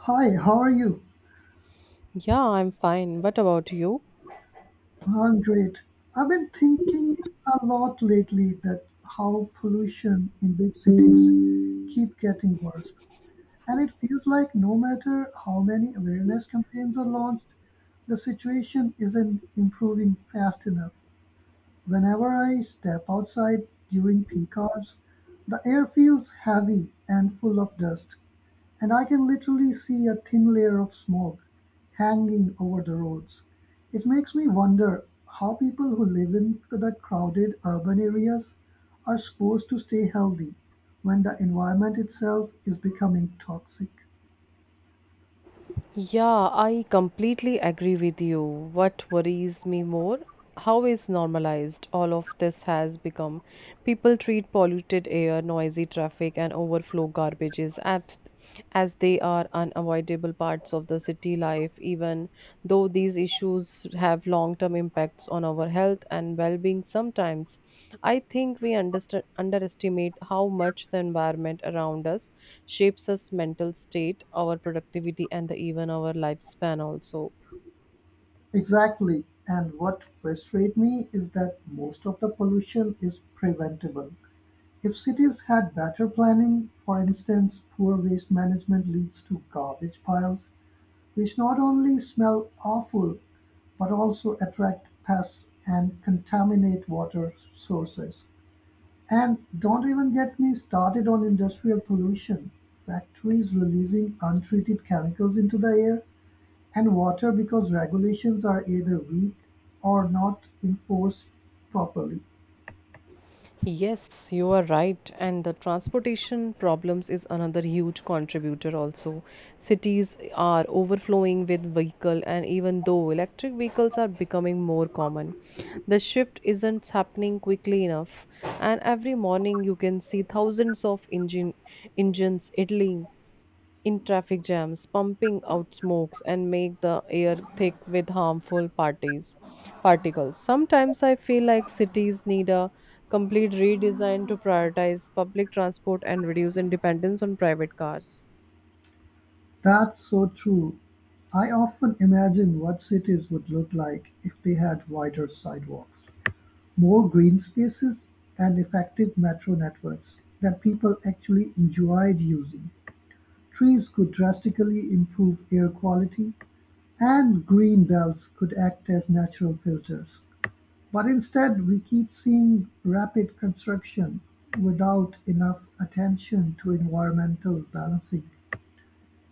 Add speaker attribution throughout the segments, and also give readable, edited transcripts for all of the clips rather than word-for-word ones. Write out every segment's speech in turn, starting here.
Speaker 1: Hi, how are you?
Speaker 2: Yeah, I'm fine. What about you?
Speaker 1: I'm great. I've been thinking a lot lately that how pollution in big cities keep getting worse. And it feels like no matter how many awareness campaigns are launched, the situation isn't improving fast enough. Whenever I step outside during peak hours, the air feels heavy and full of dust. And I can literally see a thin layer of smoke hanging over the roads. It makes me wonder how people who live in the crowded urban areas are supposed to stay healthy when the environment itself is becoming toxic.
Speaker 2: Yeah, I completely agree with you. What worries me more? How is normalized all of this has become? People treat polluted air, noisy traffic, and overflow garbages as they are unavoidable parts of the city life, even though these issues have long term impacts on our health and well being sometimes. I think we underestimate how much the environment around us shapes us mental state, our productivity, and the, even our lifespan also.
Speaker 1: Exactly. And what frustrates me is that most of the pollution is preventable. If cities had better planning, for instance, poor waste management leads to garbage piles which not only smell awful, but also attract pests and contaminate water sources. And don't even get me started on industrial pollution. Factories releasing untreated chemicals into the air and water because regulations are either weak or not enforced properly.
Speaker 2: Yes, you are right. And the transportation problems is another huge contributor also. Cities are overflowing with vehicle and even though electric vehicles are becoming more common, the shift isn't happening quickly enough. And every morning you can see thousands of engines idling in traffic jams, pumping out smokes and make the air thick with harmful parties particles. Sometimes I feel like cities need a complete redesign to prioritize public transport and reduce in dependence on private cars.
Speaker 1: That's so true. I often imagine what cities would look like if they had wider sidewalks, more green spaces, and effective metro networks that people actually enjoyed using. Trees could drastically improve air quality, and green belts could act as natural filters. But instead, we keep seeing rapid construction without enough attention to environmental balancing.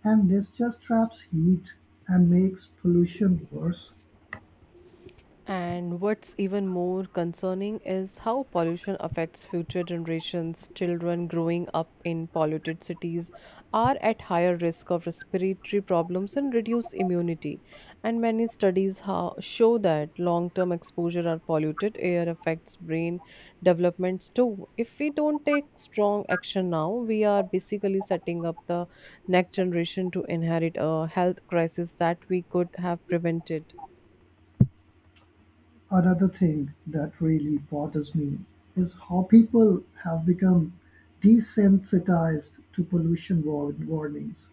Speaker 1: And this just traps heat and makes pollution worse.
Speaker 2: And what's even more concerning is how pollution affects future generations. Children growing up in polluted cities are at higher risk of respiratory problems and reduced immunity. And many studies show that long term exposure to polluted air affects brain developments too. If we don't take strong action now, we are basically setting up the next generation to inherit a health crisis that we could have prevented.
Speaker 1: Another thing that really bothers me is how people have become desensitized to pollution warnings.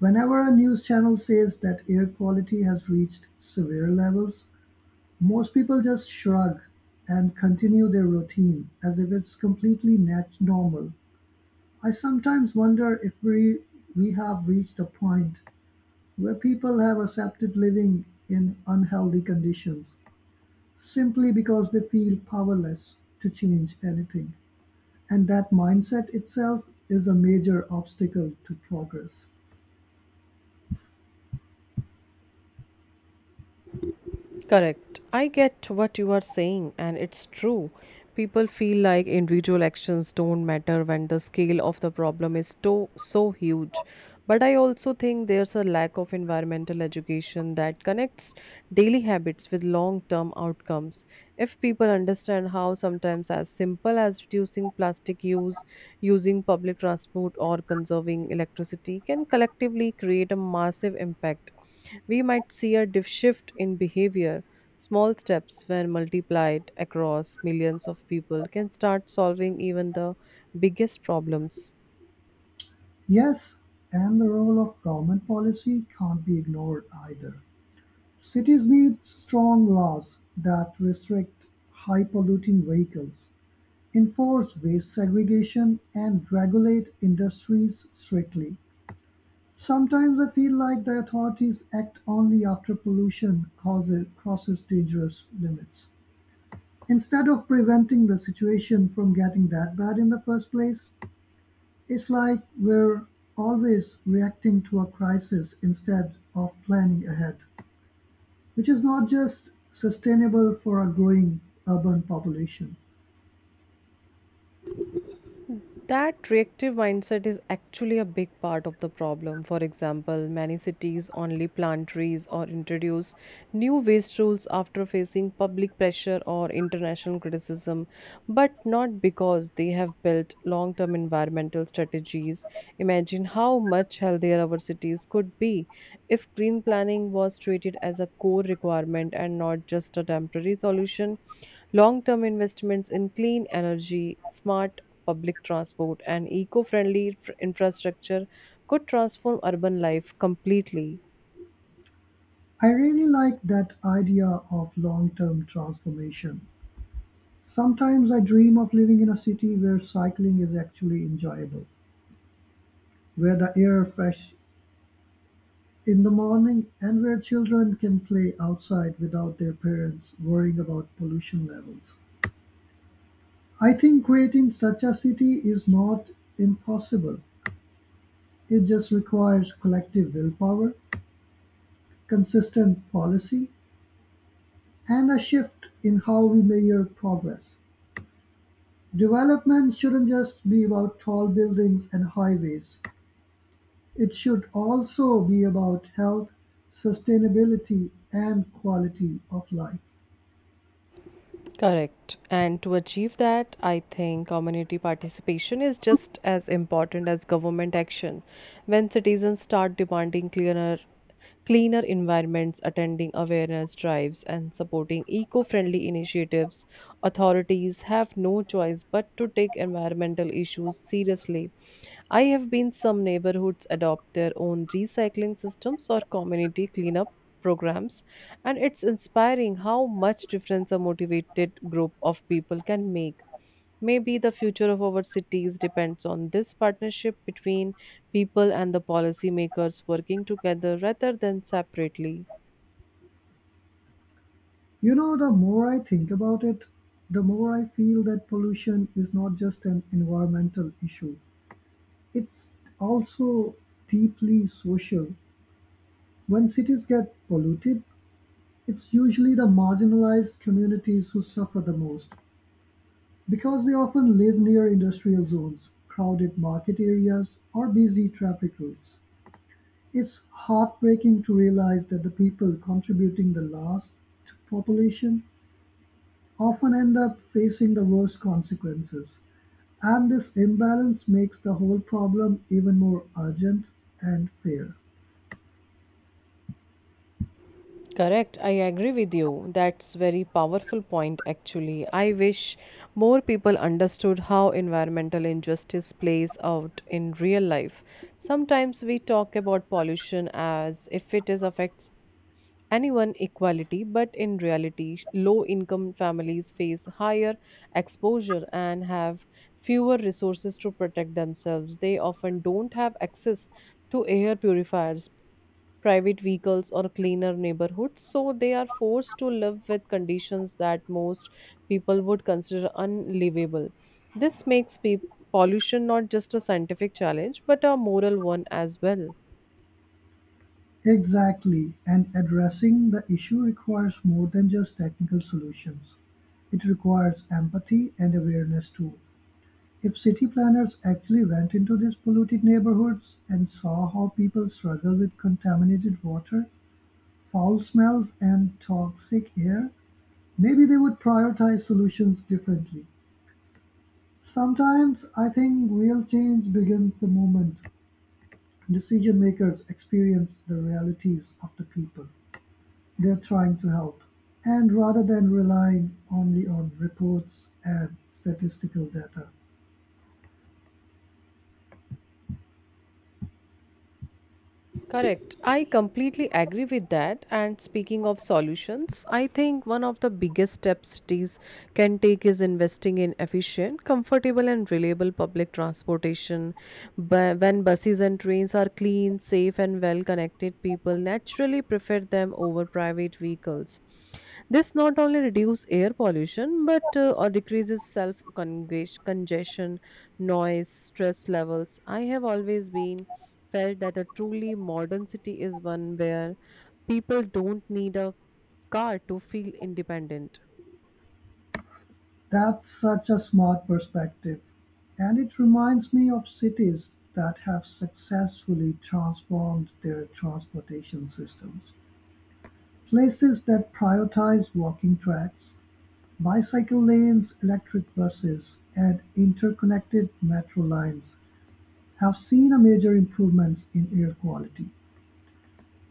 Speaker 1: Whenever a news channel says that air quality has reached severe levels, most people just shrug and continue their routine as if it's completely net normal. I sometimes wonder if we have reached a point where people have accepted living in unhealthy conditions simply because they feel powerless to change anything. And that mindset itself is a major obstacle to progress.
Speaker 2: Correct. I get what you are saying, and it's true. People feel like individual actions don't matter when the scale of the problem is so huge. But I also think there's a lack of environmental education that connects daily habits with long term outcomes. If people understand how sometimes as simple as reducing plastic use, using public transport, or conserving electricity can collectively create a massive impact, we might see a shift in behavior. Small steps, when multiplied across millions of people, can start solving even the biggest problems.
Speaker 1: Yes, and the role of government policy can't be ignored either. Cities need strong laws that restrict high polluting vehicles, enforce waste segregation, and regulate industries strictly. Sometimes I feel like the authorities act only after pollution crosses dangerous limits. Instead of preventing the situation from getting that bad in the first place, it's like we're always reacting to a crisis instead of planning ahead, which is not just sustainable for a growing urban population.
Speaker 2: That reactive mindset is actually a big part of the problem. For example, many cities only plant trees or introduce new waste rules after facing public pressure or international criticism, but not because they have built long term environmental strategies. Imagine how much healthier our cities could be if green planning was treated as a core requirement and not just a temporary solution. Long term investments in clean energy, smart public transport, and eco friendly infrastructure could transform urban life completely.
Speaker 1: I really like that idea of long term transformation. Sometimes I dream of living in a city where cycling is actually enjoyable, where the air fresh in the morning and where children can play outside without their parents worrying about pollution levels. I think creating such a city is not impossible. It just requires collective willpower, consistent policy, and a shift in how we measure progress. Development shouldn't just be about tall buildings and highways. It should also be about health, sustainability, and quality of life.
Speaker 2: Correct. And to achieve that, I think community participation is just as important as government action. When citizens start demanding cleaner environments, attending awareness drives, and supporting eco friendly initiatives. Authorities have no choice but to take environmental issues seriously. I have been some neighborhoods adopt their own recycling systems or community cleanup programs and it's inspiring how much difference a motivated group of people can make. Maybe the future of our cities depends on this partnership between people and the policymakers working together rather than separately.
Speaker 1: You know, the more I think about it, the more I feel that pollution is not just an environmental issue. It's also deeply social. When cities get polluted, it's usually the marginalized communities who suffer the most because they often live near industrial zones, crowded market areas, or busy traffic routes. It's heartbreaking to realize that the people contributing the last to population often end up facing the worst consequences, and this imbalance makes the whole problem even more urgent and fair.
Speaker 2: Correct, I agree with you. That's very powerful point actually. I wish more people understood how environmental injustice plays out in real life. Sometimes we talk about pollution as if it is affects anyone equality, but in reality, low income families face higher exposure and have fewer resources to protect themselves. They often don't have access to air purifiers, private vehicles, or cleaner neighborhoods, so they are forced to live with conditions that most people would consider unlivable. This makes pollution not just a scientific challenge, but a moral one as well.
Speaker 1: Exactly, and addressing the issue requires more than just technical solutions. It requires empathy and awareness too. If city planners actually went into these polluted neighborhoods and saw how people struggle with contaminated water, foul smells, and toxic air, maybe they would prioritize solutions differently. Sometimes I think real change begins the moment decision-makers experience the realities of the people they're trying to help, and rather than relying only on reports and statistical data.
Speaker 2: Correct. I completely agree with that. And speaking of solutions, I think one of the biggest steps cities can take is investing in efficient, comfortable, and reliable public transportation. When buses and trains are clean, safe, and well connected, people naturally prefer them over private vehicles. This not only reduces air pollution but or decreases self congestion, noise, stress levels. I have always been felt that a truly modern city is one where people don't need a car to feel independent.
Speaker 1: That's such a smart perspective, and it reminds me of cities that have successfully transformed their transportation systems. Places that prioritize walking tracks, bicycle lanes, electric buses, and interconnected metro lines have seen a major improvements in air quality.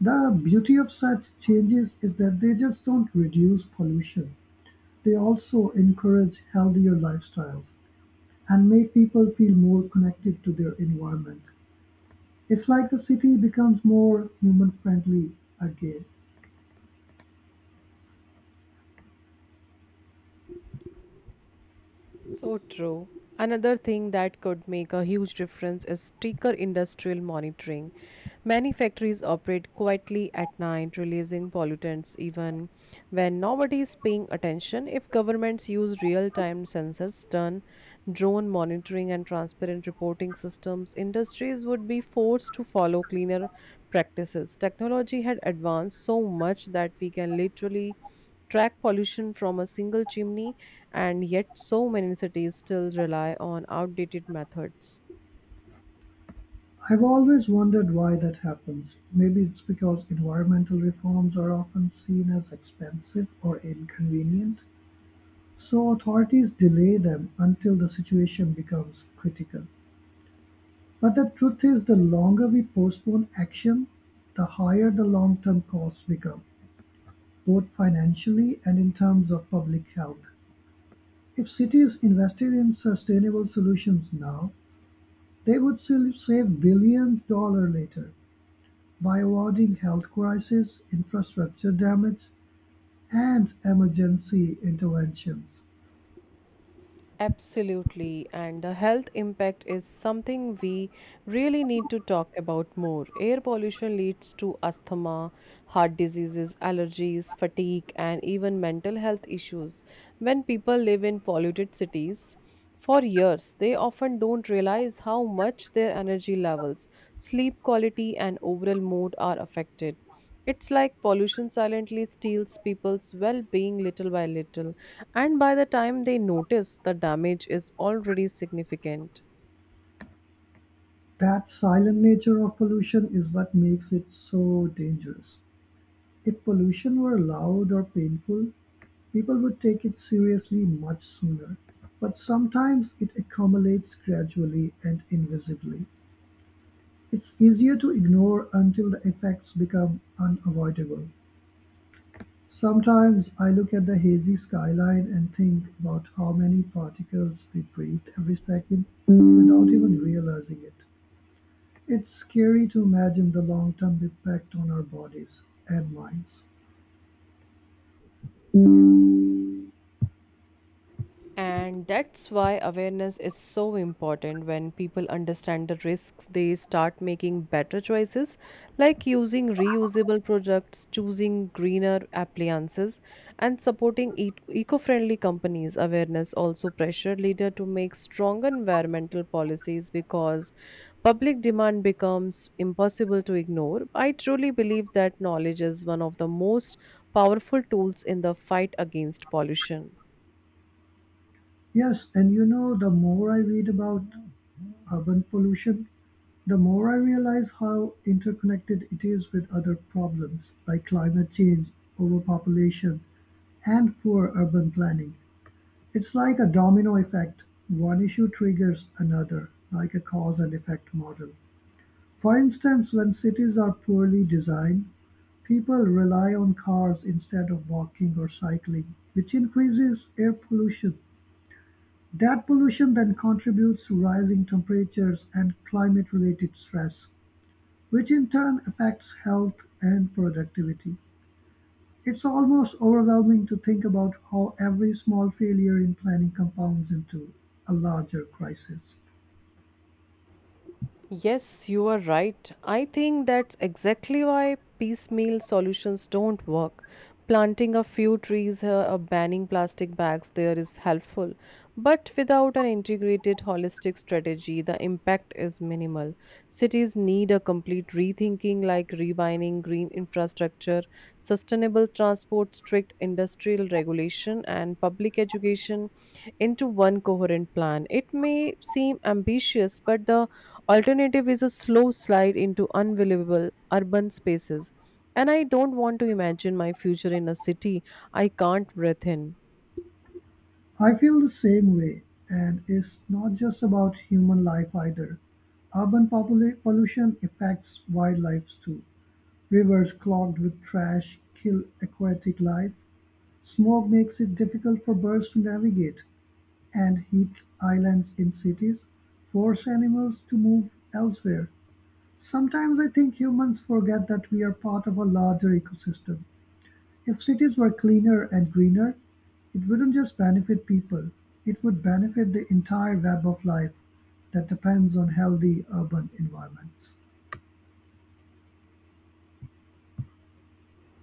Speaker 1: The beauty of such changes is that they just don't reduce pollution. They also encourage healthier lifestyles and make people feel more connected to their environment. It's like the city becomes more human friendly again.
Speaker 2: So true. Another thing that could make a huge difference is stricter industrial monitoring. Many factories operate quietly at night, releasing pollutants even when nobody is paying attention. If governments use real-time sensors, done drone monitoring and transparent reporting systems, industries would be forced to follow cleaner practices. Technology had advanced so much that we can literally track pollution from a single chimney, and yet so many cities still rely on outdated methods.
Speaker 1: I've always wondered why that happens. Maybe it's because environmental reforms are often seen as expensive or inconvenient, so authorities delay them until the situation becomes critical. But the truth is, the longer we postpone action, the higher the long term costs become, both financially and in terms of public health. If cities invested in sustainable solutions now, they would still save billions dollar later, by awarding health crises, infrastructure damage, and emergency interventions.
Speaker 2: Absolutely, and the health impact is something we really need to talk about more. Air pollution leads to asthma, heart diseases, allergies, fatigue, and even mental health issues. When people live in polluted cities for years, they often don't realize how much their energy levels, sleep quality, and overall mood are affected. It's like pollution silently steals people's well being little by little, and by the time they notice, the damage is already significant.
Speaker 1: That silent nature of pollution is what makes it so dangerous. If pollution were loud or painful, people would take it seriously much sooner. But sometimes it accumulates gradually and invisibly. It's easier to ignore until the effects become unavoidable. Sometimes I look at the hazy skyline and think about how many particles we breathe every second without even realizing it. It's scary to imagine the long term impact on our bodies and minds.
Speaker 2: And that's why awareness is so important. When people understand the risks, they start making better choices like using reusable products, choosing greener appliances, and supporting eco friendly companies. Awareness also pressure leader to make strong environmental policies because public demand becomes impossible to ignore. I truly believe that knowledge is one of the most powerful tools in the fight against pollution.
Speaker 1: Yes, and you know, the more I read about urban pollution, the more I realize how interconnected it is with other problems like climate change, overpopulation, and poor urban planning. It's like a domino effect, one issue triggers another, like a cause-and-effect model. For instance, when cities are poorly designed, people rely on cars instead of walking or cycling, which increases air pollution. That pollution then contributes to rising temperatures and climate-related stress, which in turn affects health and productivity. It's almost overwhelming to think about how every small failure in planning compounds into a larger crisis.
Speaker 2: Yes, you are right. I think that's exactly why piecemeal solutions don't work. Planting a few trees here or banning plastic bags there is helpful, but without an integrated holistic strategy, the impact is minimal. Cities need a complete rethinking like rebining green infrastructure, sustainable transport, strict industrial regulation, and public education into one coherent plan. It may seem ambitious, but the alternative is a slow slide into unbelievable urban spaces. And I don't want to imagine my future in a city I can't breathe in.
Speaker 1: I feel the same way, and it's not just about human life either. Urban pollution affects wildlife too. Rivers clogged with trash kill aquatic life. Smoke makes it difficult for birds to navigate, and heat islands in cities force animals to move elsewhere. Sometimes I think humans forget that we are part of a larger ecosystem. If cities were cleaner and greener, it wouldn't just benefit people, it would benefit the entire web of life that depends on healthy urban environments.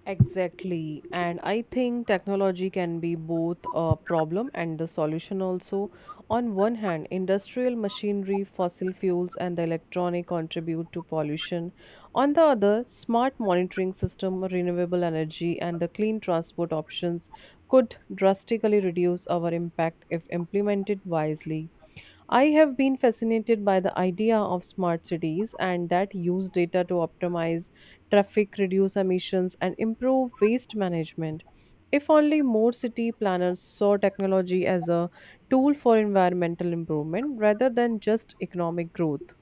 Speaker 2: Exactly. And I think technology can be both a problem and the solution also. On one hand, industrial machinery, fossil fuels, and the electronic contribute to pollution. On the other, smart monitoring system, renewable energy, and the clean transport options could drastically reduce our impact if implemented wisely. I have been fascinated by the idea of smart cities and that use data to optimize traffic, reduce emissions, and improve waste management. If only more city planners saw technology as a tool for environmental improvement rather than just economic growth.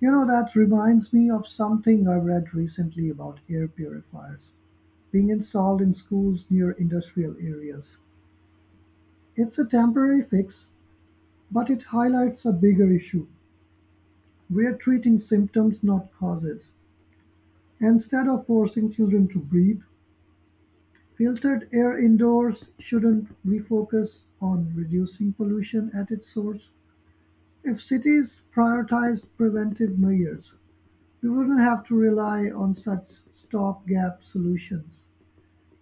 Speaker 1: You know, that reminds me of something I read recently about air purifiers being installed in schools near industrial areas. It's a temporary fix, but it highlights a bigger issue. We're treating symptoms, not causes. Instead of forcing children to breathe filtered air indoors, shouldn't we focus on reducing pollution at its source? If cities prioritized preventive measures, we wouldn't have to rely on such stopgap solutions.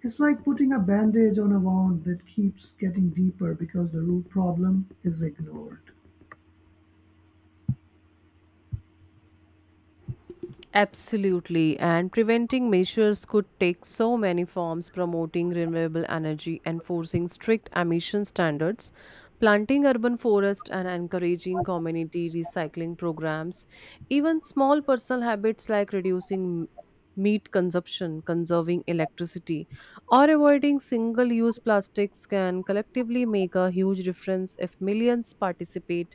Speaker 1: It's like putting a bandage on a wound that keeps getting deeper because the root problem is ignored.
Speaker 2: Absolutely, and preventing measures could take so many forms promoting renewable energy, enforcing strict emission standards, planting urban forests, and encouraging community recycling programs. Even small personal habits like reducing meat consumption, conserving electricity, or avoiding single use plastics can collectively make a huge difference if millions participate.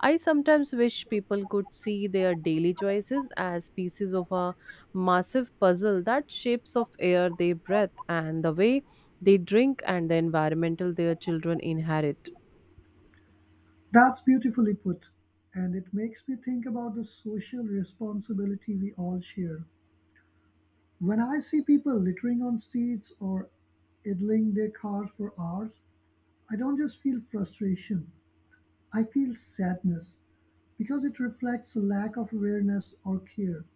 Speaker 2: I sometimes wish people could see their daily choices as pieces of a massive puzzle that shapes of air they breathe and the way they drink and the environmental their children inherit.
Speaker 1: That's beautifully put, and it makes me think about the social responsibility we all share. When I see people littering on streets or idling their cars for hours, I don't just feel frustration, I feel sadness because it reflects a lack of awareness or care.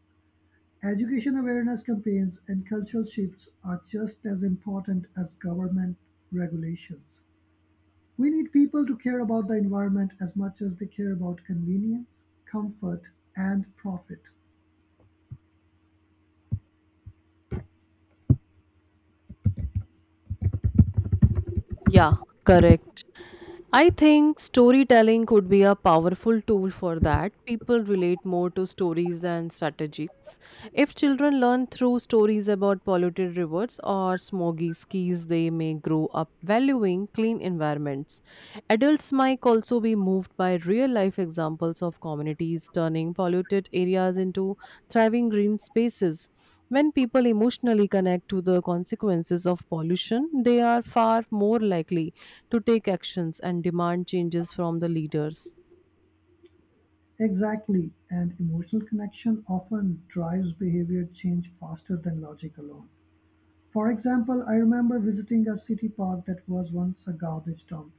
Speaker 1: Education awareness campaigns and cultural shifts are just as important as government regulations. We need people to care about the environment as much as they care about convenience, comfort, and profit.
Speaker 2: Yeah, correct. I think storytelling could be a powerful tool for that. People relate more to stories than strategies. If children learn through stories about polluted rivers or smoggy skis, they may grow up valuing clean environments. Adults might also be moved by real life examples of communities turning polluted areas into thriving green spaces. When people emotionally connect to the consequences of pollution, they are far more likely to take actions and demand changes from the leaders.
Speaker 1: Exactly, and emotional connection often drives behavior change faster than logic alone. For example, I remember visiting a city park that was once a garbage dump.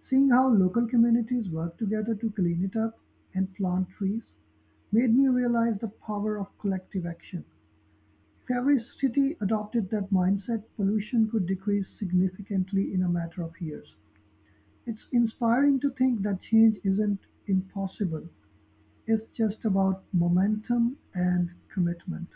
Speaker 1: Seeing how local communities work together to clean it up and plant trees made me realize the power of collective action. If every city adopted that mindset, pollution could decrease significantly in a matter of years. It's inspiring to think that change isn't impossible, it's just about momentum and commitment.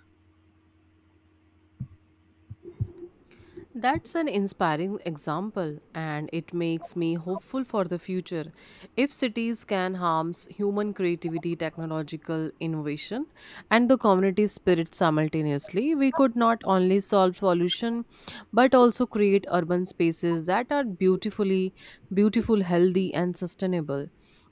Speaker 2: That's an inspiring example, and it makes me hopeful for the future. If cities can harness human creativity, technological innovation, and the community spirit simultaneously, we could not only solve pollution but also create urban spaces that are beautiful, healthy, and sustainable.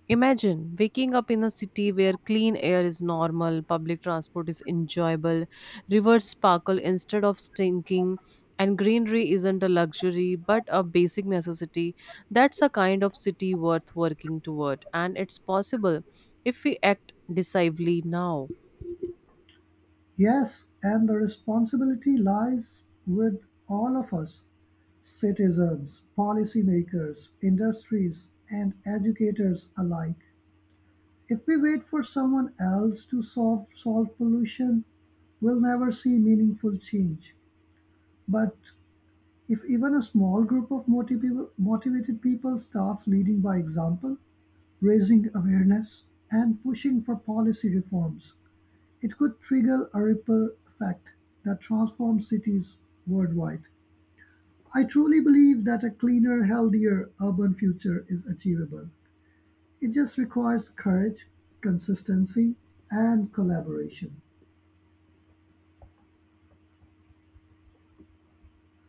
Speaker 2: Imagine waking up in a city where clean air is normal, public transport is enjoyable, rivers sparkle instead of stinking, and greenery isn't a luxury but a basic necessity. That's a kind of city worth working toward, and it's possible if we act decisively now.
Speaker 1: Yes, and the responsibility lies with all of us citizens, policymakers, industries, and educators alike. If we wait for someone else to solve pollution, we'll never see meaningful change. But if even a small group of motivated people starts leading by example, raising awareness, and pushing for policy reforms, it could trigger a ripple effect that transforms cities worldwide. I truly believe that a cleaner, healthier urban future is achievable. It just requires courage, consistency, and collaboration.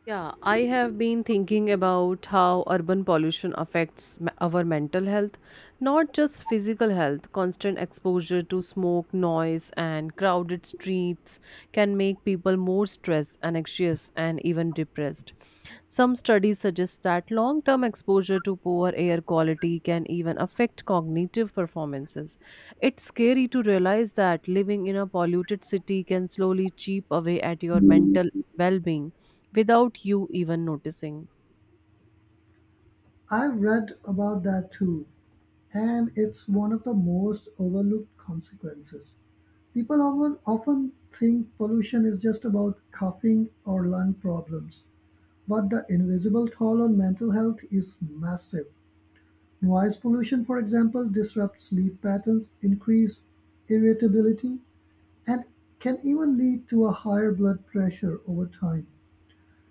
Speaker 2: Yeah, I have been thinking about how urban pollution affects our mental health, not just physical health. Constant exposure to smoke, noise, and crowded streets can make people more stressed, and anxious, and even depressed. Some studies suggest that long term exposure to poor air quality can even affect cognitive performances. It's scary to realize that living in a polluted city can slowly chip away at your mental well being without you even noticing.
Speaker 1: I've read about that too, and it's one of the most overlooked consequences. People often think pollution is just about coughing or lung problems, but the invisible toll on mental health is massive. Noise pollution, for example, disrupts sleep patterns, increases irritability, and can even lead to a higher blood pressure over time.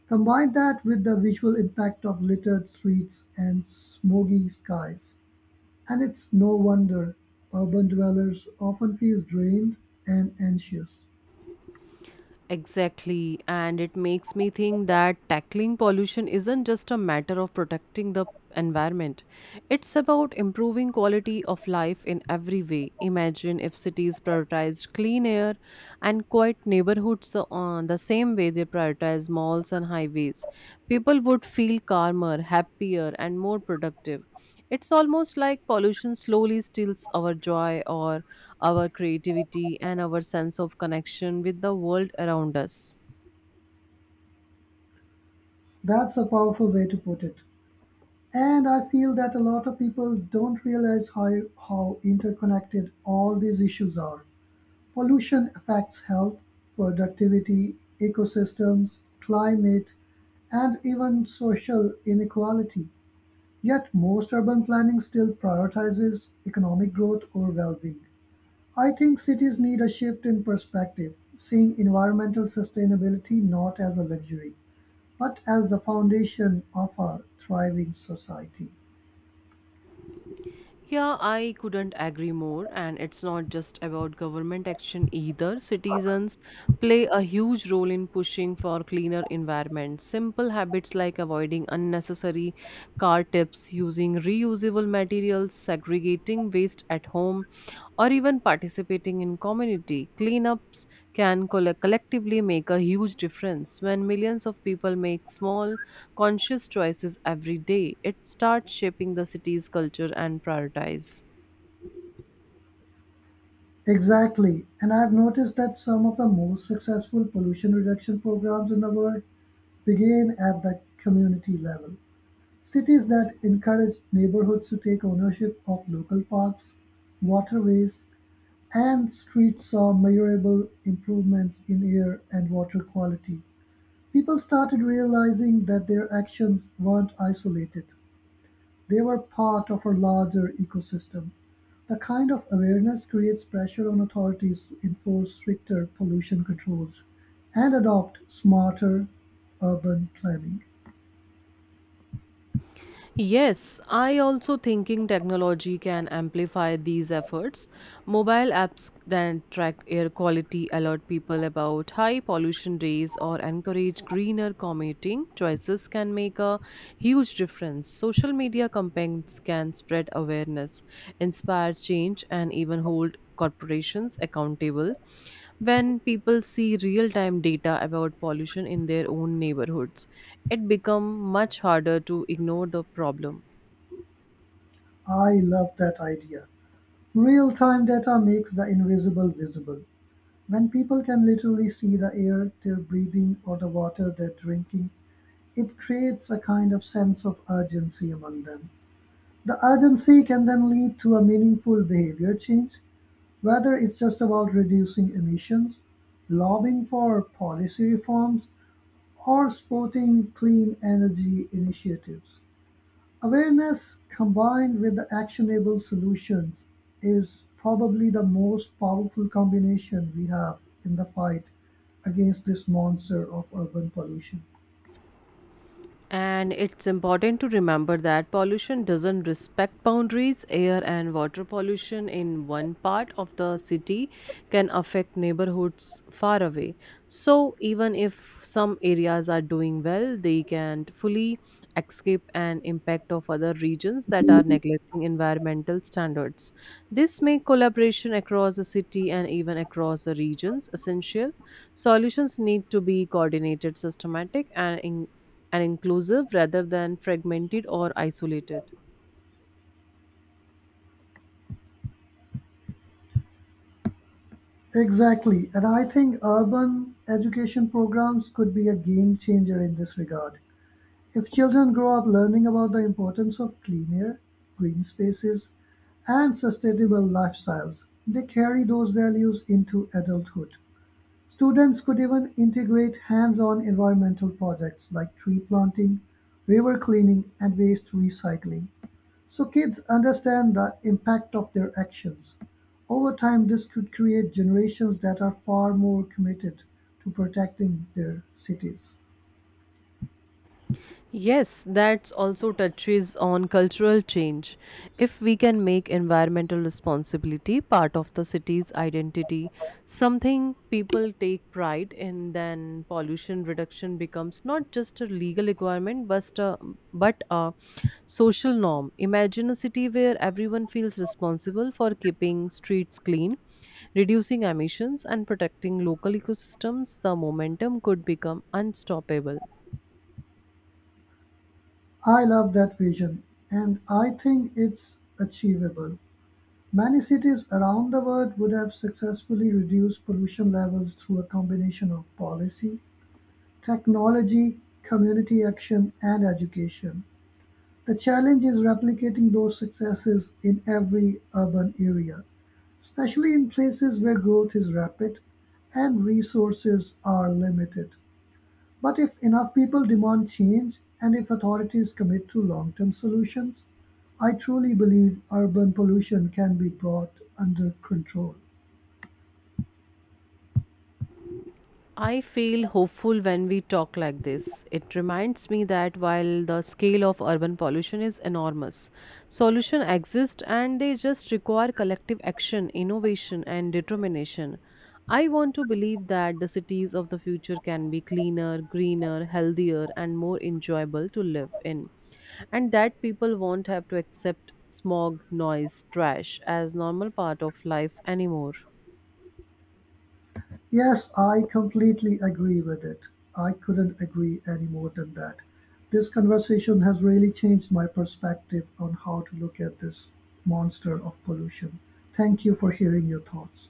Speaker 1: Combine that with the visual impact of littered streets and smoky skies, and it's no wonder urban dwellers often feel drained and anxious.
Speaker 2: Exactly, and it makes me think that tackling pollution isn't just a matter of protecting the environment. It's about improving quality of life in every way. Imagine if cities prioritized clean air and quiet neighborhoods the same way they prioritize malls and highways, people would feel calmer, happier, and more productive. It's almost like pollution slowly steals our joy or our creativity and our sense of connection with the world around us.
Speaker 1: That's a powerful way to put it. And I feel that a lot of people don't realize how interconnected all these issues are. Pollution affects health, productivity, ecosystems, climate, and even social inequality, yet most urban planning still prioritizes economic growth or well-being. I think cities need a shift in perspective, seeing environmental sustainability not as a luxury, but as the foundation of a thriving society.
Speaker 2: Yeah, I couldn't agree more. And it's not just about government action either. Citizens play a huge role in pushing for cleaner environments. Simple habits like avoiding unnecessary car tips, using reusable materials, segregating waste at home, or even participating in community cleanups can collectively make a huge difference. When millions of people make small conscious choices every day. It starts shaping the city's culture and prioritize.
Speaker 1: Exactly, and I've noticed that some of the most successful pollution reduction programs in the world begin at the community level. Cities that encouraged neighborhoods to take ownership of local parks, waterways, and streets saw measurable improvements in air and water quality. People started realizing that their actions weren't isolated, they were part of a larger ecosystem. The kind of awareness creates pressure on authorities to enforce stricter pollution controls and adopt smarter urban planning.
Speaker 2: Yes, I also thinking technology can amplify these efforts. Mobile apps that track air quality alert people about high pollution days or encourage greener commuting choices can make a huge difference. Social media campaigns can spread awareness, inspire change, and even hold corporations accountable when people see real time data about pollution in their own neighborhoods it becomes much harder to ignore the problem.
Speaker 1: I love that idea. Real time data makes the invisible visible. When people can literally see the air they're breathing or the water they're drinking, it creates a kind of sense of urgency among them. The urgency can then lead to a meaningful behavior change, whether it's just about reducing emissions, lobbying for policy reforms, or supporting clean energy initiatives. Awareness combined with the actionable solutions is probably the most powerful combination we have in the fight against this monster of urban pollution.
Speaker 2: And it's important to remember that pollution doesn't respect boundaries. Air and water pollution in one part of the city can affect neighborhoods far away. So, even if some areas are doing well, they can't fully escape an impact of other regions that are neglecting environmental standards. This makes collaboration across the city and even across the regions essential. Solutions need to be coordinated, systematic, and inclusive rather than fragmented or isolated.
Speaker 1: Exactly, and I think urban education programs could be a game changer in this regard. If children grow up learning about the importance of clean air, green spaces, and sustainable lifestyles, they carry those values into adulthood. Students could even integrate hands-on environmental projects like tree planting, river cleaning and waste recycling, so kids understand the impact of their actions. Over time, this could create generations that are far more committed to protecting their cities.
Speaker 2: Yes, that also touches on cultural change. If we can make environmental responsibility part of the city's identity, something people take pride in, then pollution reduction becomes not just a legal requirement but a social norm. Imagine a city where everyone feels responsible for keeping streets clean, reducing emissions, and protecting local ecosystems. The momentum could become unstoppable.
Speaker 1: I love that vision and I think it's achievable. Many cities around the world would have successfully reduced pollution levels through a combination of policy, technology, community action and education. The challenge is replicating those successes in every urban area, especially in places where growth is rapid and resources are limited. But if enough people demand change and if authorities commit to long term solutions, I truly believe urban pollution can be brought under control.
Speaker 2: I feel hopeful when we talk like this. It reminds me that while the scale of urban pollution is enormous, solutions exist and they just require collective action, innovation, and determination. I want to believe that the cities of the future can be cleaner, greener, healthier, and more enjoyable to live in, and that people won't have to accept smog, noise, trash as normal part of life anymore.
Speaker 1: Yes, I completely agree with it. I couldn't agree any more than that. This conversation has really changed my perspective on how to look at this monster of pollution. Thank you for sharing your thoughts.